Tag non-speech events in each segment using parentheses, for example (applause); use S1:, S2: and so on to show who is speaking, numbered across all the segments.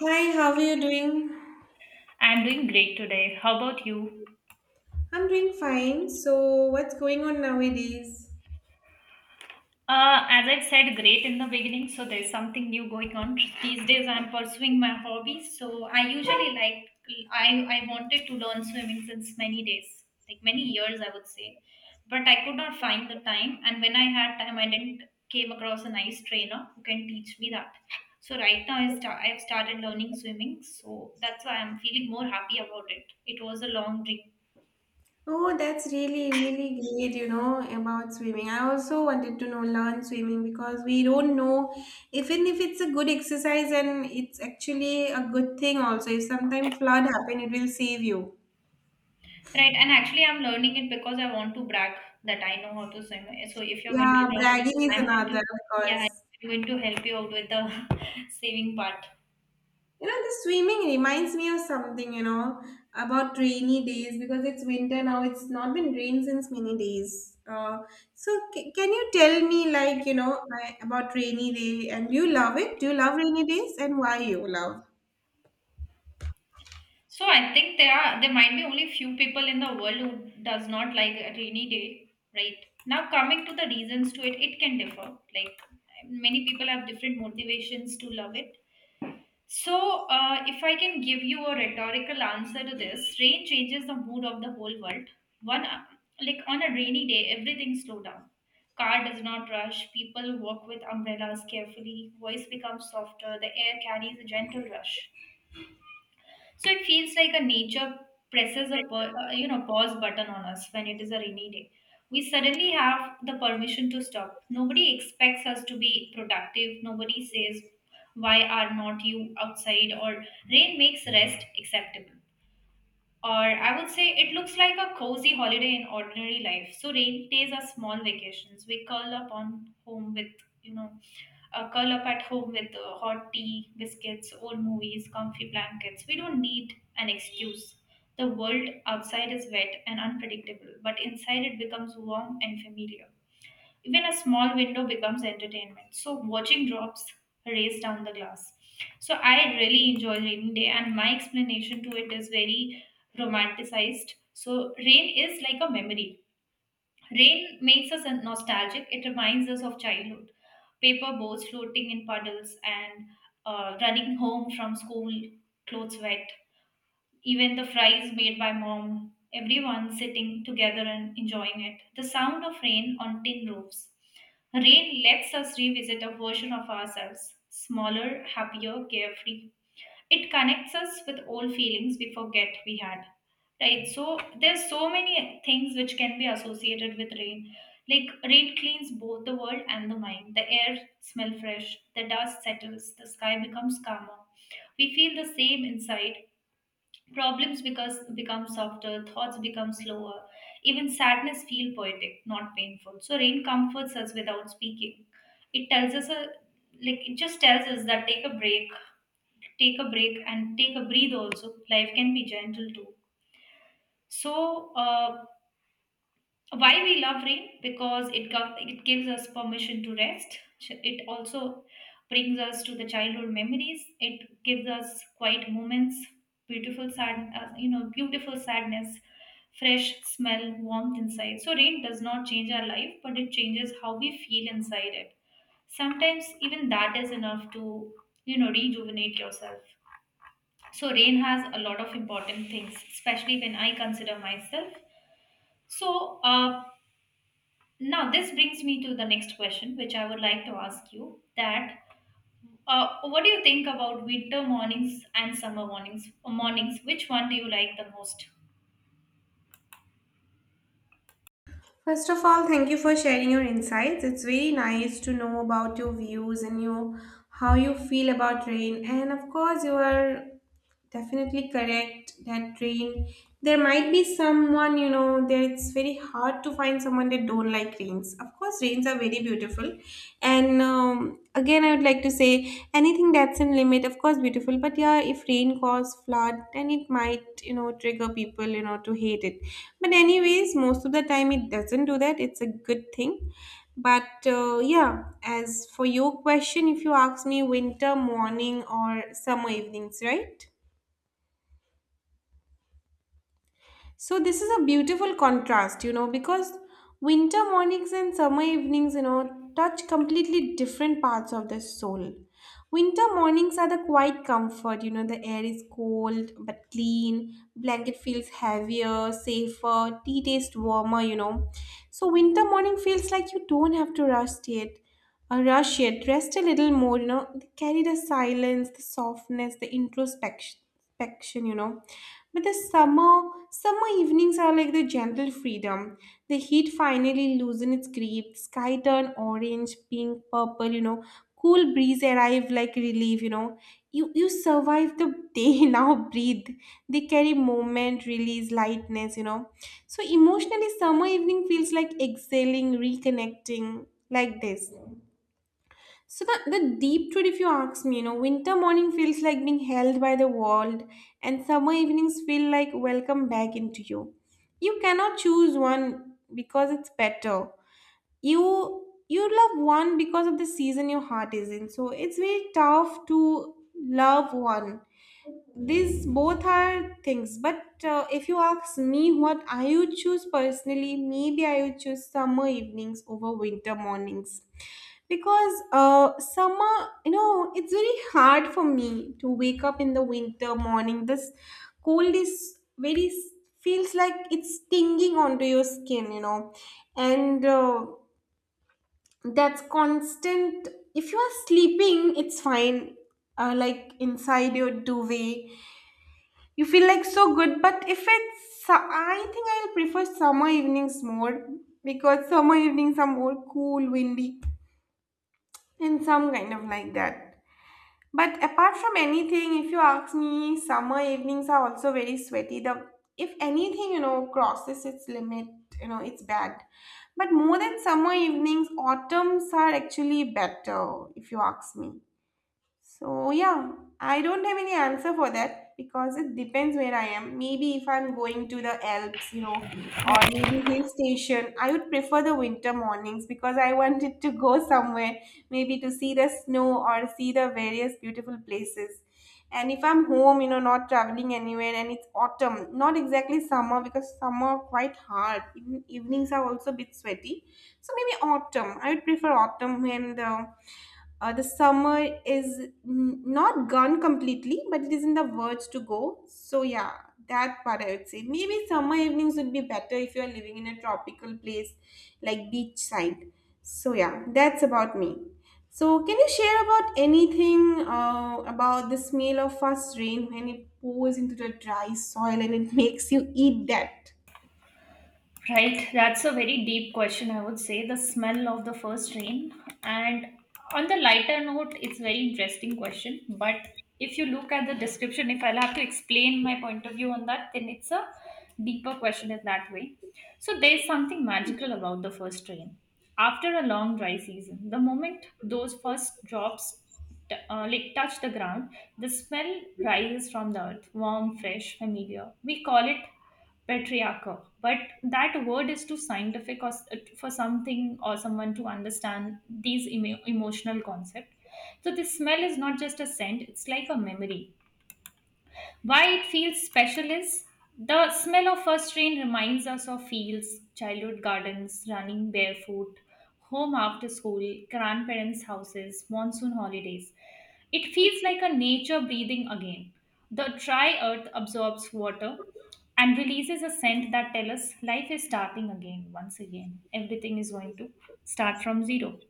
S1: Hi, how are you doing?
S2: I'm doing great today. How about you?
S1: I'm doing fine. So, what's going on nowadays?
S2: As I said, great in the beginning, so there's something new going on. These days I'm pursuing my hobbies, so I usually like I wanted to learn swimming since many days, like many years I would say. But I could not find the time and when I had time I didn't came across a nice trainer who can teach me that. So right now I start, I've started learning swimming, so that's why I'm feeling more happy about it. It was a long dream.
S1: Oh, that's really, really great, you know, about swimming. I also wanted to know learn swimming because we don't know even if it's a good exercise and it's actually a good thing also. If sometimes flood happen, it will save you.
S2: Right, and actually, I'm learning it because I want to brag that I know how to swim. So if you're going
S1: Yeah,
S2: to join,
S1: bragging is
S2: I'm going
S1: another,
S2: to,
S1: of
S2: yeah,
S1: course.
S2: I'm going to help you out with the (laughs) saving part.
S1: You know, the swimming reminds me of something, you know, about rainy days because it's winter now. It's not been rain since many days. So can you tell me, like, you know, I- about rainy day and do you love it? Do you love rainy days and why you love?
S2: So I think there might be only few people in the world who does not like a rainy day, right? Now coming to the reasons to it, it can differ. Like many people have different motivations to love it. So, if I can give you a rhetorical answer to this, rain changes the mood of the whole world. One, like on a rainy day, everything slow down. Car does not rush. People walk with umbrellas carefully. Voice becomes softer. The air carries a gentle rush. So it feels like a nature presses a you know pause button on us when it is a rainy day. We suddenly have the permission to stop. Nobody expects us to be productive. Nobody says why are not you outside, or rain makes rest acceptable. Or I would say it looks like a cozy holiday in ordinary life. So rain days are small vacations. We curl up on home with, you know, curl up at home with hot tea, biscuits, old movies, comfy blankets. We don't need an excuse. The world outside is wet and unpredictable, but inside it becomes warm and familiar. Even a small window becomes entertainment. So watching drops race down the glass. So I really enjoy rainy day, and my explanation to it is very romanticized. So rain is like a memory. Rain makes us nostalgic. It reminds us of childhood, paper boats floating in puddles, and running home from school, clothes wet, even the fries made by mom, everyone sitting together and enjoying it. The sound of rain on tin roofs. Rain lets us revisit a version of ourselves, smaller, happier, carefree. It connects us with old feelings we forget we had. Right? So there's so many things which can be associated with rain. Like rain cleans both the world and the mind. The air smells fresh, the dust settles, the sky becomes calmer. We feel the same inside. Problems because become softer, thoughts become slower. Even sadness feel poetic, not painful. So rain comforts us without speaking. It tells us a like it just tells us that take a break, and take a breathe. Also, life can be gentle too. So why we love rain? Because it gives us permission to rest. It also brings us to the childhood memories. It gives us quiet moments, beautiful sad, beautiful sadness, fresh smell, warmth inside. So rain does not change our life, but it changes how we feel inside. It sometimes even that is enough to rejuvenate yourself. So rain has a lot of important things, especially when I consider myself. So, now, this brings me to the next question, which I would like to ask you that, what do you think about winter mornings and summer mornings? Mornings, which one do you like the most?
S1: First of all, thank you for sharing your insights. It's very nice to know about your views and your how you feel about rain. And of course, you are definitely correct that rain. There might be someone you know that it's very hard to find someone that don't like rains. Of course, rains are very beautiful. And again, I would like to say anything that's in limit, of course, beautiful. But yeah, if rain cause flood, then it might, you know, trigger people, you know, to hate it. But anyways, most of the time it doesn't do that. It's a good thing. But yeah, as for your question, if you ask me winter morning or summer evenings, right? So this is a beautiful contrast, you know, because winter mornings and summer evenings, you know, touch completely different parts of the soul. Winter mornings are the quiet comfort, you know, the air is cold but clean, blanket feels heavier, safer, tea tastes warmer, you know. So winter morning feels like you don't have to rush it. Rush yet, rest a little more, you know. They carry the silence, the softness, the introspection, inspection, you know. But summer evenings are like the gentle freedom. The heat finally loosen its grip. Sky turn orange, pink, purple, you know. Cool breeze arrive like relief, you know. You survive the day (laughs) now. Breathe. They carry moment, release, lightness, you know. So emotionally, summer evening feels like exhaling, reconnecting, like this. So the deep truth, if you ask me, you know, winter morning feels like being held by the world, and summer evenings feel like welcome back into you. You cannot choose one because it's better. You love one because of the season your heart is in. So it's very tough to love one these both are things but if you ask me what I would choose personally, maybe I would choose summer evenings over winter mornings because summer, you know, it's very hard for me to wake up in the winter morning. This cold is very feels like it's stinging onto your skin, you know, and that's constant. If you are sleeping, it's fine, like inside your duvet you feel like so good, but if it's, su- I think I'll prefer summer evenings more because summer evenings are more cool, windy, and some kind of like that. But apart from anything, if you ask me, summer evenings are also very sweaty. The if anything, you know, crosses its limit, you know, it's bad. But more than summer evenings, autumns are actually better, if you ask me. So, yeah, I don't have any answer for that because it depends where I am. Maybe if I'm going to the Alps, you know, or maybe hill station, I would prefer the winter mornings because I wanted to go somewhere, maybe to see the snow or see the various beautiful places. And if I'm home, you know, not traveling anywhere and it's autumn, not exactly summer because summer are quite hard. Even evenings are also a bit sweaty. So maybe autumn. I would prefer autumn when the summer is n- not gone completely, but it is in the verge to go. So yeah, that part I would say. Maybe summer evenings would be better if you're living in a tropical place like beachside. So yeah, that's about me. So can you share about anything about the smell of first rain when it pours into the dry soil and it (laughs) makes you eat that?
S2: Right, that's a very deep question, I would say. The smell of the first rain. And on the lighter note, it's very interesting question. But if you look at the description, if I'll have to explain my point of view on that, then it's a deeper question in that way. So there's something magical about the first rain. After a long dry season, the moment those first drops touch the ground, the smell rises from the earth, warm, fresh, familiar. We call it patriarchal, but that word is too scientific or s- for something or someone to understand these emotional concept. So the smell is not just a scent, it's like a memory. Why it feels special is the smell of first rain reminds us of fields, childhood gardens, running barefoot, home after school, grandparents' houses, monsoon holidays. It feels like a nature breathing again. The dry earth absorbs water and releases a scent that tells us life is starting again, once again. Everything is going to start from zero,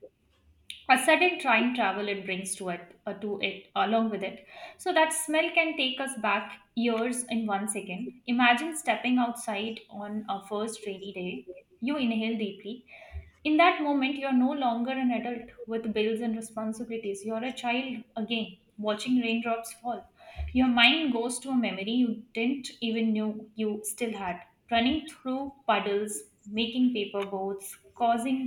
S2: a sudden train travel it brings to it, along with it. So that smell can take us back years in one second. Imagine stepping outside on a first rainy day, you inhale deeply. In that moment you're no longer an adult with bills and responsibilities, you're a child again, watching raindrops fall. Your mind goes to a memory you didn't even know you still had, running through puddles, making paper boats, causing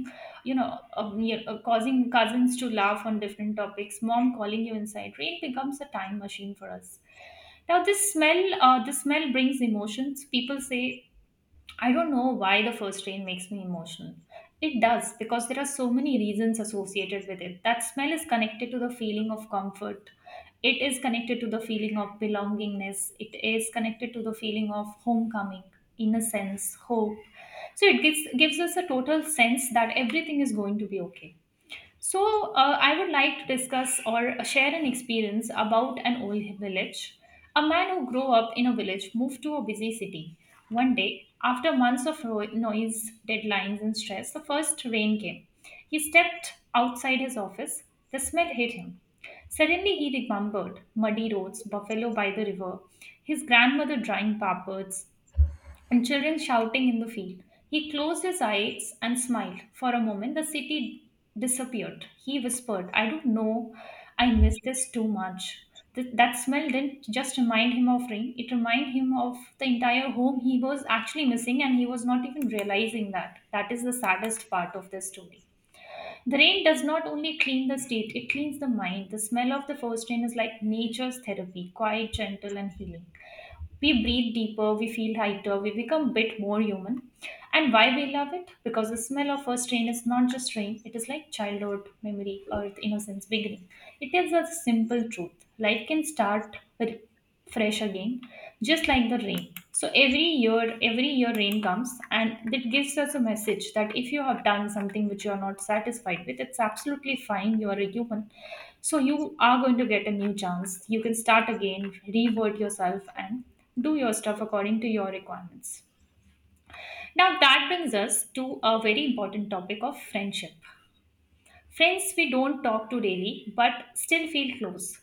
S2: you know, you- causing cousins to laugh on different topics, mom calling you inside. Rain becomes a time machine for us. Now, this smell brings emotions. People say I don't know why the first rain makes me emotional. It does because there are so many reasons associated with it. That smell is connected to the feeling of comfort. It is connected to the feeling of belongingness. It is connected to the feeling of homecoming, innocence, hope. So it gives us a total sense that everything is going to be okay. So, I would like to discuss or share an experience about an old village. A man who grew up in a village moved to a busy city. One day, after months of noise, deadlines, and stress, the first rain came. He stepped outside his office. The smell hit him. Suddenly, he remembered muddy roads, buffalo by the river, his grandmother drying pampers, and children shouting in the field. He closed his eyes and smiled. For a moment, the city disappeared. He whispered, "I don't know, I miss this too much." That smell didn't just remind him of rain, it reminded him of the entire home he was actually missing, and he was not even realizing that. That is the saddest part of this story. The rain does not only clean the state, it cleans the mind. The smell of the first rain is like nature's therapy, quiet, gentle, and healing. We breathe deeper, we feel lighter, we become a bit more human. And why we love it? Because the smell of first rain is not just rain, it is like childhood memory or the innocence beginning. It tells us a simple truth: life can start with fresh again, just like the rain. So every year rain comes and it gives us a message that if you have done something which you are not satisfied with, it's absolutely fine. You are a human. So you are going to get a new chance. You can start again, revert yourself and do your stuff according to your requirements. Now, that brings us to a very important topic of friendship. Friends we don't talk to daily but still feel close.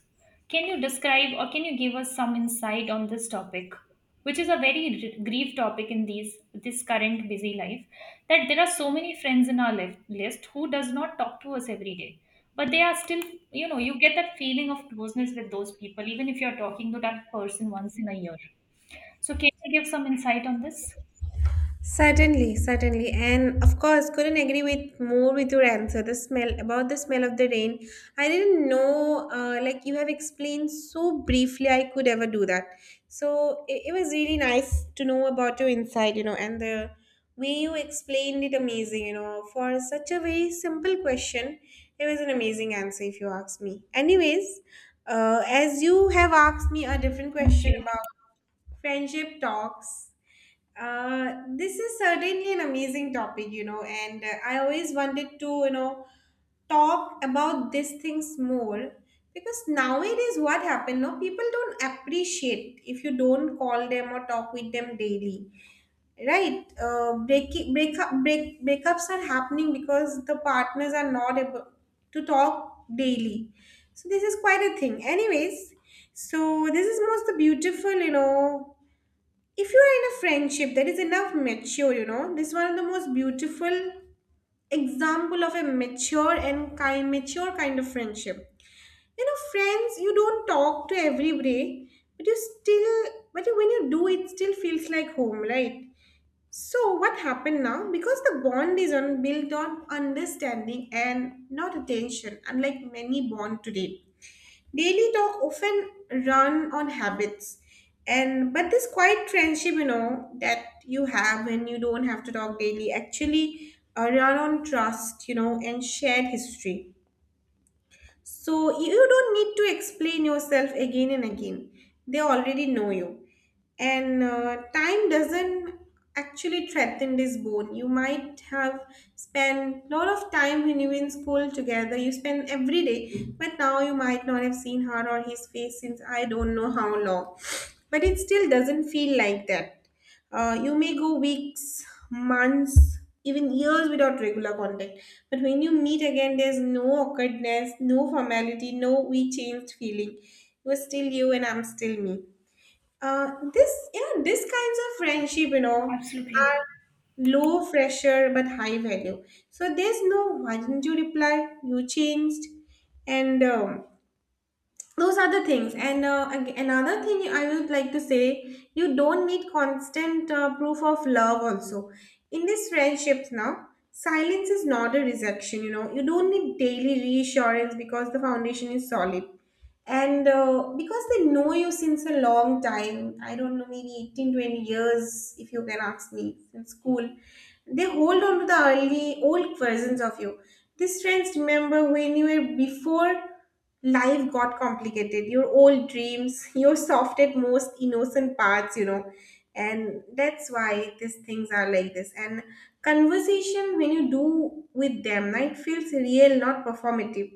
S2: Can you describe or can you give us some insight on this topic, which is a very grief topic in these this current busy life? That there are so many friends in our list who does not talk to us every day, but they are still, you know, you get that feeling of closeness with those people even if you are talking to that person once in a year. So can you give some insight on this?
S1: Certainly, certainly. And of course, couldn't agree with more with your answer. The smell about the smell of the rain. I didn't know, like you have explained so briefly, I could ever do that. So it was really nice to know about your insight, you know, and the way you explained it amazing, you know, for such a very simple question. It was an amazing answer, if you ask me. Anyways, as you have asked me a different
S2: Thank
S1: question
S2: you.
S1: about friendship talks, this is certainly an amazing topic, you know, and I always wanted to, you know, talk about these things more because nowadays what happened, no, people don't appreciate if you don't call them or talk with them daily, right? Break break up break breakups are happening because the partners are not able to talk daily, so this is quite a thing. Anyways, so this is most the beautiful, you know, if you are in a friendship that is enough mature, you know, this is one of the most beautiful example of a mature and kind of friendship. You know, friends you don't talk to every day, but when you do, it still feels like home, right? So what happened now because the bond is on built on understanding and not attention, unlike many bond today. Daily talk often run on habits. And but this quiet friendship, you know, that you have when you don't have to talk daily actually run on trust, you know, and shared history. So you don't need to explain yourself again and again. They already know you. And time doesn't actually threaten this bond. You might have spent a lot of time when you were in school together. You spend every day, but now you might not have seen her or his face since I don't know how long. But it still doesn't feel like that. You may go weeks, months, even years without regular contact. But when you meet again, there's no awkwardness, no formality, no we changed feeling. You're still you and I'm still me. This, you know, this kinds of friendship, you know, are
S2: Absolutely.
S1: low pressure but high value. So there's no why didn't you reply? You changed. And those are the things and another thing I would like to say, you don't need constant proof of love also in these friendships. Now silence is not a rejection, you know. You don't need daily reassurance because the foundation is solid, and because they know you since a long time. I don't know, maybe 18, 20 years if you can ask me, since school. They hold on to the early old versions of you. These friends remember when you were before life got complicated, your old dreams, (laughs) your softed most innocent parts, you know. And that's why these things are like this, and conversation when you do with them, right, feels real, not performative.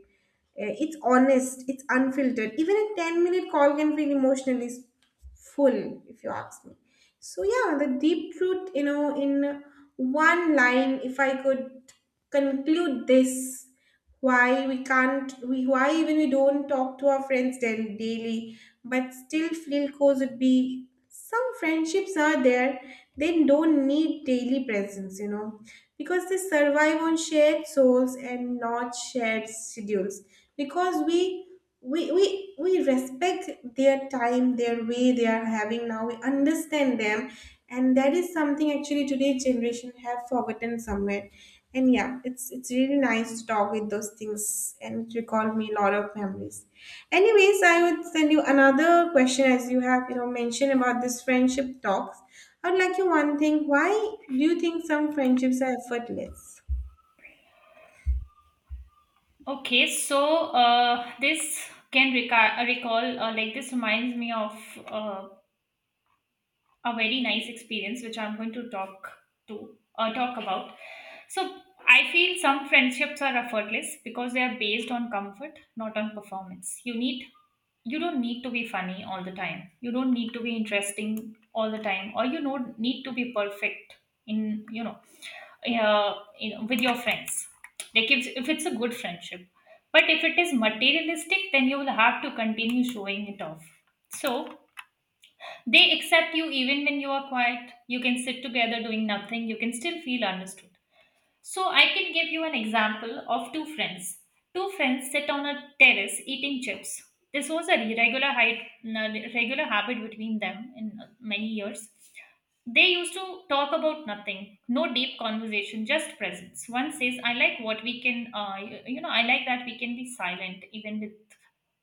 S1: It's honest, it's unfiltered. Even a 10-minute call can feel emotionally s- full, if you ask me. So, yeah, the deep truth, you know, in one line, if I could conclude this, why even we don't talk to our friends then daily but still feel close would be: some friendships are there, they don't need daily presence, you know, because they survive on shared souls and not shared schedules. Because we respect their time, their way they are having now. We understand them, and that is something actually today's generation have forgotten somewhere. And yeah, it's really nice to talk with those things, and it recalled me a lot of memories. Anyways, I would send you another question. As you have, you know, mentioned about this friendship talks, I would like you one thing: why do you think some friendships are effortless?
S2: Okay, so this recall, like this reminds me of uh, a very nice experience which I'm going to talk about. So I feel some friendships are effortless because they are based on comfort, not on performance. You don't need to be funny all the time. You don't need to be interesting all the time, or you don't need to be perfect in yeah, with your friends. Like if it's a good friendship, but if it is materialistic, then you will have to continue showing it off. So they accept you even when you are quiet. You can sit together doing nothing. You can still feel understood. So I can give you an example of two friends. Two friends sit on a terrace eating chips. This was a regular height, regular habit between them in many years. They used to talk about nothing, no deep conversation, just presence. One says, "I like what we can, I like that we can be silent even with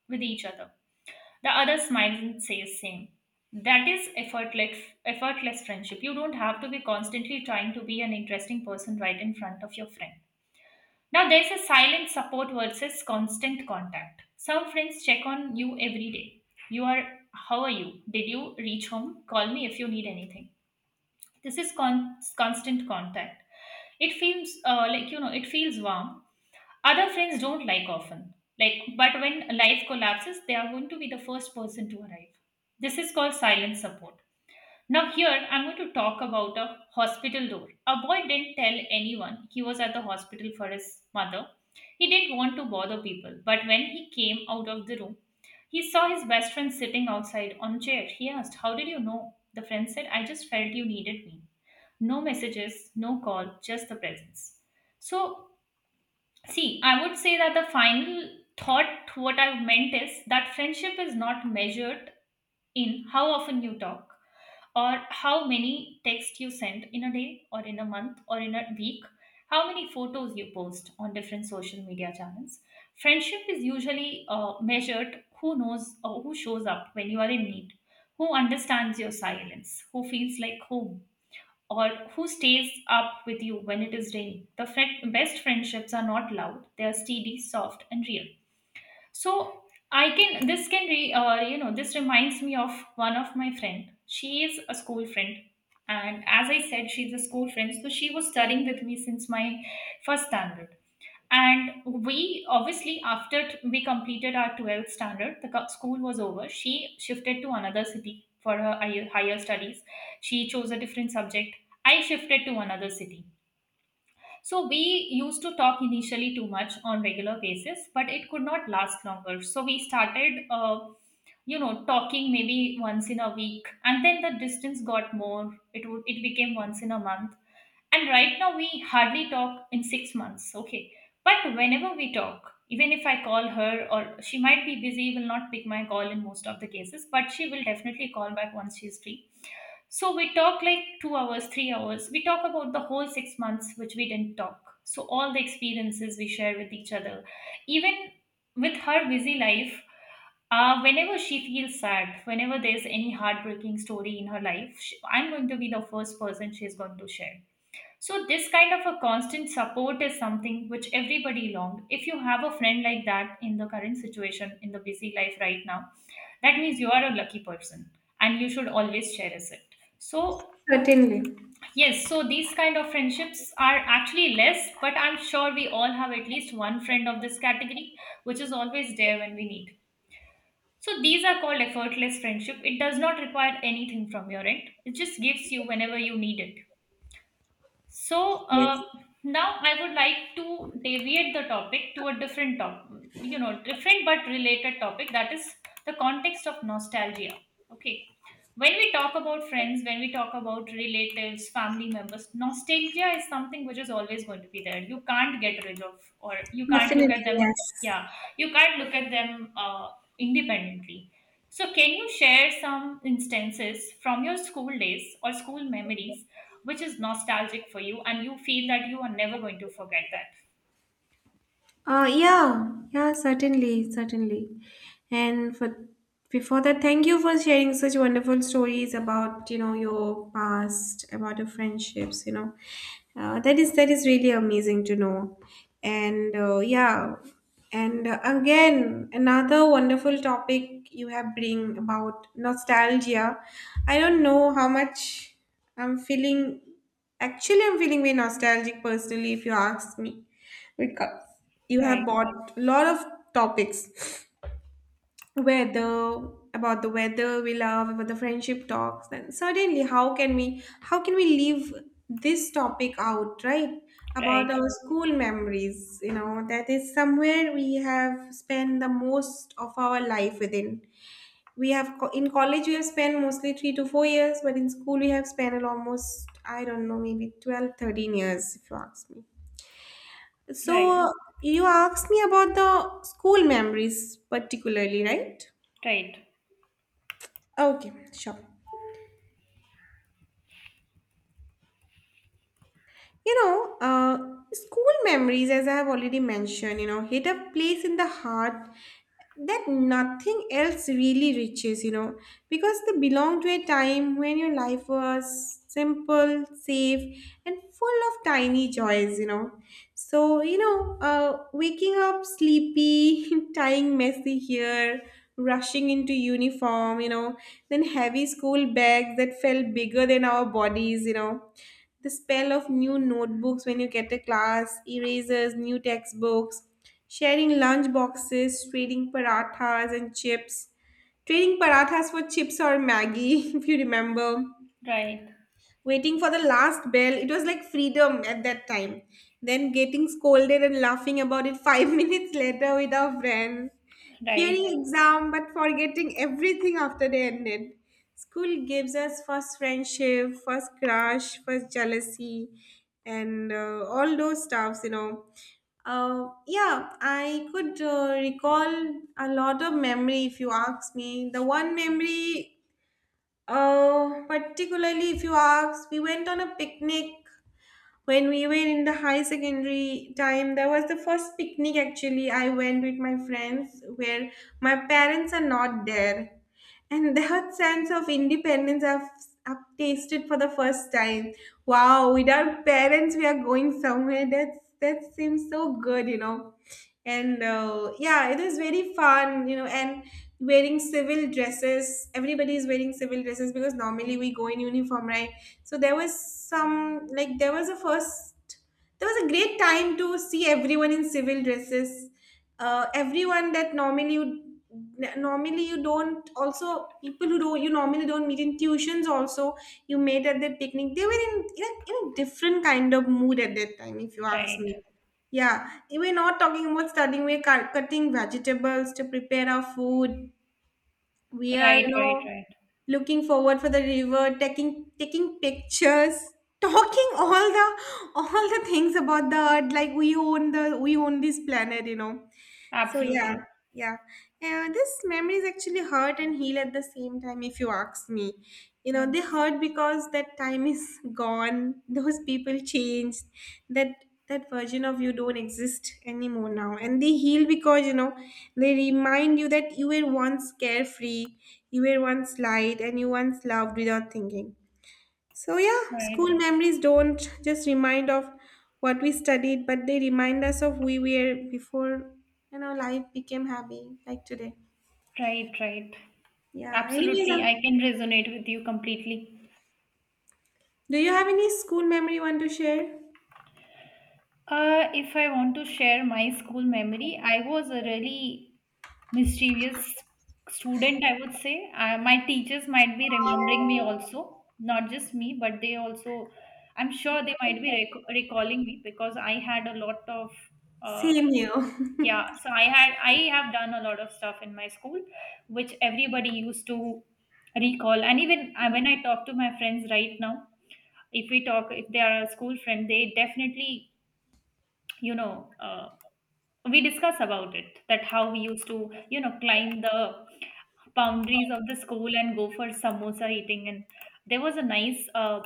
S2: with each other." The other smiles and says same. That is effortless friendship. You don't have to be constantly trying to be an interesting person right in front of your friend. Now there's a silent support versus constant contact. Some friends check on you every day. You are how are you? Did you reach home? Call me if you need anything. This is constant contact. It feels like it feels warm other friends don't like often. Like, but when life collapses, they are going to be the first person to arrive. This is called silent support. Now, here I'm going to talk about a hospital door. A boy didn't tell anyone he was at the hospital for his mother. He didn't want to bother people, but when he came out of the room, he saw his best friend sitting outside on a chair. He asked, "How did you know?" The friend said, "I just felt you needed me." No messages, no call, just the presence. So See, I would say that the final thought, what I meant is that friendship is not measured in how often you talk or how many texts you send in a day or in a month or in a week, how many photos you post on different social media channels. Friendship is usually measured who knows or who shows up when you are in need, who understands your silence, who feels like home or who stays up with you when it is raining. The best friendships are not loud; they are steady, soft, and real. So I can this can re, you know this reminds me of one of my friend. She is a school friend, and as I said, she's a school friend. So she was studying with me since my first standard, and we obviously, we completed our 12th standard, school was over. She shifted to another city for her higher studies. She chose a different subject. I shifted to another city. So we used to talk initially too much on regular basis, but it could not last longer. So we started, talking maybe once in a week, and then the distance got more. It became once in a month, and right now we hardly talk in 6 months. Okay, but whenever we talk, even if I call her, or she might be busy, will not pick my call in most of the cases, but she will definitely call back once she's free. So we talk like 2 hours, 3 hours. We talk about the whole 6 months which we didn't talk, so all the experiences we share with each other. Even with her busy life, whenever she feels sad, whenever there's any heartbreaking story in her life, sh I'm going to be the first person she's going to share. So this kind of a constant support is something which everybody longed. If you have a friend like that in the current situation in the busy life right now, that means you are a lucky person and you should always cherish it. So
S1: Certainly,
S2: yes, so these kind of friendships are actually less, but I'm sure we all have at least one friend of this category which is always there when we need. So these are called effortless friendship. It does not require anything from your end. It just gives you whenever you need it. So
S1: yes.
S2: now I would like to deviate the topic to a different different but related topic, that is the context of nostalgia. Okay, when we talk about friends, when we talk about relatives, family members, nostalgia is something which is always going to be there. You can't get rid of, or you can't look at
S1: Definitely,
S2: them.
S1: yes.
S2: Yeah, you can't look at them independently. So, can you share some instances from your school days or school memories which is nostalgic for you and you feel that you are never going to forget that?
S1: Yeah, certainly, certainly. And for before that, thank you for sharing such wonderful stories about, you know, your past, about your friendships, you know. That is really amazing to know. And uh, yeah, and again, another wonderful topic you have bring about nostalgia. I don't know how much I'm feeling. Actually, I'm feeling very nostalgic personally, if you ask me because you have
S2: Right,
S1: bought a lot of topics, weather about the weather, we love about the friendship talks. Then suddenly how can we leave this topic out, right? About
S2: right,
S1: our school memories, you know, that is somewhere we have spent the most of our life within. We have in college we have spent mostly 3 to 4 years, but in school we have spent almost, I don't know, maybe 12, 13 years if you ask me.
S2: right,
S1: So you asked me about the school memories particularly, right?
S2: right,
S1: Okay, sure. You know, school memories, as I have already mentioned, you know, hit a place in the heart that nothing else really reaches, you know, because they belong to a time when your life was simple, safe, and full of tiny joys, you know. So, you know, waking up sleepy, (laughs) tying messy hair, rushing into uniform, you know, then heavy school bags that felt bigger than our bodies, you know, the spell of new notebooks when you get a class, erasers, new textbooks, sharing lunch boxes, trading parathas and chips, trading parathas for chips or Maggie, (laughs) if you remember,
S2: right,
S1: waiting for the last bell. It was like freedom at that time. Then getting scolded and laughing about it five (laughs) minutes later with our friends. Fearing
S2: right,
S1: exam but forgetting everything after they ended. School gives us first friendship, first crush, first jealousy, and all those stuffs, you know. Yeah, I could recall a lot of memory if you ask me. The one memory, particularly if you ask, we went on a picnic when we were in the high secondary time. There was the first picnic actually I went with my friends where my parents are not there, and that sense of independence I've tasted for the first time. Wow, without parents we are going somewhere, that's that seems so good, you know. And yeah, it was very fun, you know, and wearing civil dresses, everybody is wearing civil dresses because normally we go in uniform, right? So there was some, like there was a first, there was a great time to see everyone in civil dresses. Everyone that normally you, normally you don't, also people who don't, you normally don't meet in tuitions also, you made at that picnic, they were in a different kind of mood at that time if you ask
S2: right,
S1: me. Yeah, we're not talking about studying, we're cutting vegetables to prepare our food. We are,
S2: right,
S1: you
S2: right,
S1: know,
S2: right.
S1: looking forward for the river, taking taking pictures, (laughs) talking all the things about the earth, like we own the we own this planet, you know. So yeah,
S2: Absolutely.
S1: yeah. And this memories actually hurt and heal at the same time if you ask me. You know, they
S2: Yes.
S1: hurt because that time is (laughs) gone, those people changed, that that version of you don't exist anymore now. And they heal because, you know, they remind you that you were once carefree, you were once light, and you once loved without thinking. So, yeah, school
S2: Right,
S1: memories don't just remind of what we studied, but they remind us of who we were before, you know, life became happy, like today.
S2: right, right.
S1: Yeah. Anyways,
S2: Absolutely, I can resonate with you completely.
S1: do you have any school memory you want to share?
S2: If I want to share my school memory, I was a really mischievous student, I would say. My teachers might be remembering me also, not just me, but they also, I'm sure they might be recalling me because I had a lot of uh,
S1: Same here.
S2: yeah. So I have done a lot of stuff in my school, which everybody used to recall. And even when I talk to my friends right now, if we talk, if they are a school friend, they definitely, you know, uh, we discuss about it, that how we used to, you know, climb the boundaries of the school and go for samosa eating. And there was a nice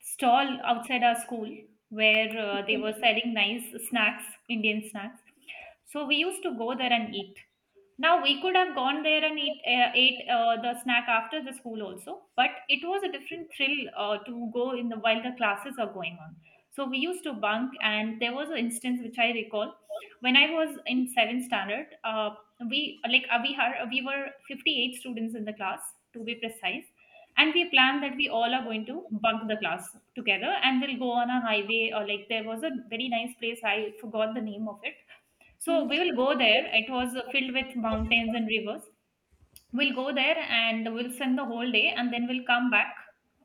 S2: stall outside our school where they were selling nice snacks, Indian snacks. So we used to go there and eat. Now we could have gone there and eat ate the snack after the school also, but it was a different thrill to go in the while the classes are going on. So we used to bunk, and there was an instance which I recall when I was in seventh standard. We we had we were 58 students in the class, to be precise, and we planned that we all are going to bunk the class together and we'll go on a highway, or like there was a very nice place, I forgot the name of it. So we will go there, it was filled with mountains and rivers. We'll go there and we'll spend the whole day, and then we'll come back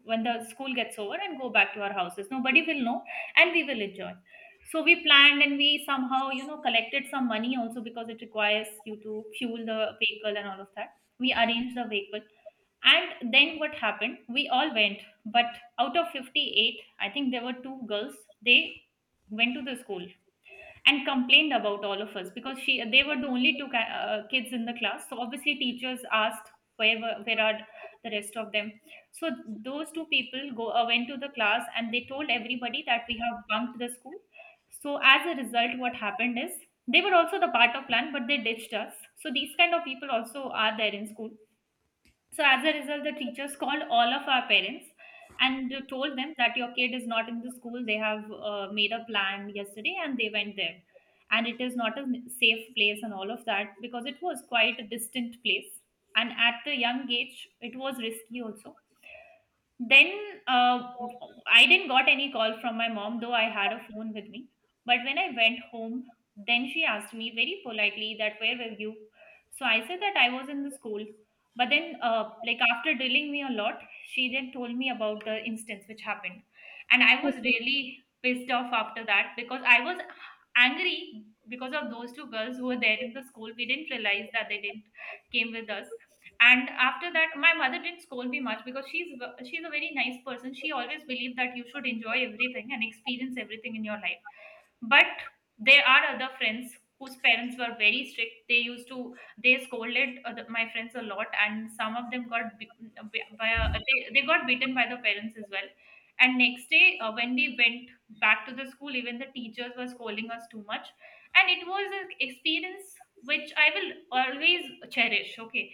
S2: when the school gets over and go back to our houses, nobody will know, and we will enjoy. So we planned, and we somehow, you know, collected some money also, because it requires you to fuel the vehicle and all of that. We arranged the vehicle, and then what happened? We all went, but out of 58, I think there were two girls. They went to the school and complained about all of us because she they were the only two kids in the class. So obviously teachers asked where were, where are the rest of them. So those two people go went to the class and they told everybody that we have bunked the school. So as a result, what happened is they were also the part of plan, but they ditched us. So these kind of people also are there in school. So as a result, the teachers called all of our parents and told them that your kid is not in the school. They have made a plan yesterday and they went there. And it is not a safe place and all of that, because it was quite a distant place. And at the young age, it was risky also. Then I didn't got any call from my mom, though I had a phone with me. But when I went home, then she asked me very politely that where were you. So I said that I was in the school. But then, like, after drilling me a lot, she then told me about the instance which happened, and I was
S1: (laughs)
S2: really pissed off after that, because I was angry because of those two girls who were there in the school. We didn't realize that they didn't came with us. And after that, my mother didn't scold me much, because she's a very nice person. She always believed that you should enjoy everything and experience everything in your life. But there are other friends whose parents were very strict. They used to They scolded my friends a lot, and some of them got they got beaten by the parents as well. And next day, when we went back to the school, even the teachers were scolding us too much. And it was an experience which I will always cherish. Okay,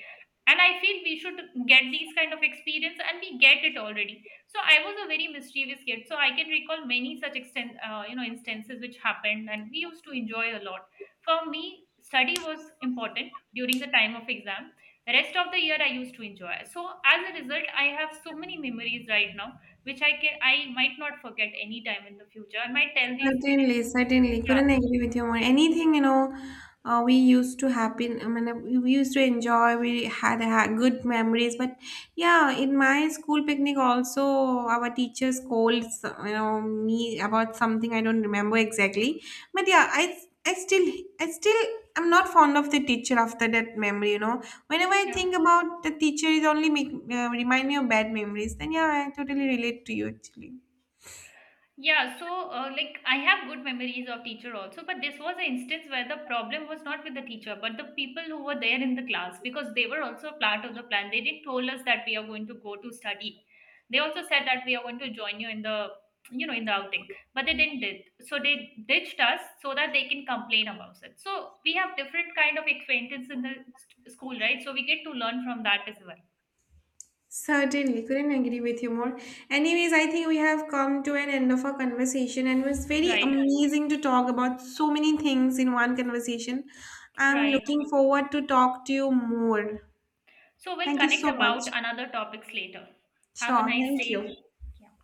S2: and I feel we should get these kind of experience, and we get it already. So I was a very mischievous kid. So I can recall many such extent, instances which happened, and we used to enjoy a lot. For me, study was important during the time of exam. The rest of the year, I used to enjoy. So as a result, I have so many memories right now, which I might not forget any time in the future. I might tell these stories.
S1: Certainly,
S2: To,
S1: certainly.
S2: yeah,
S1: Couldn't agree with you more. Anything, you know, we used to happen, I mean, we used to enjoy, we had, had good memories. But yeah, in my school picnic, also, our teachers called, you know, me about something I don't remember exactly. But yeah, I, I still, I still, I'm not fond of the teacher after that memory, you know. Whenever I
S2: yeah.
S1: think about the teacher, it only make, remind me of bad memories. Then yeah, I totally relate to you actually.
S2: Yeah, so like, I have good memories of teacher also, but this was an instance where the problem was not with the teacher, but the people who were there in the class, because they were also a part of the plan. They didn't told us that we are going to go to study. They also said that we are going to join you in the, you know, in the outing, but they didn't did. So they ditched us so that they can complain about it. So we have different kind of acquaintance in the school, right? So we get to learn from that as well.
S1: Certainly, couldn't agree with you more. Anyways, I think we have come to an end of our conversation, and it was very
S2: Right,
S1: amazing to talk about so many things in one conversation. I'm
S2: right.
S1: looking forward to talk to you more.
S2: So we'll
S1: Thank you
S2: connect
S1: so much.
S2: about another topics later. Have a
S1: Sure,
S2: nice
S1: thank you.
S2: day. Yeah.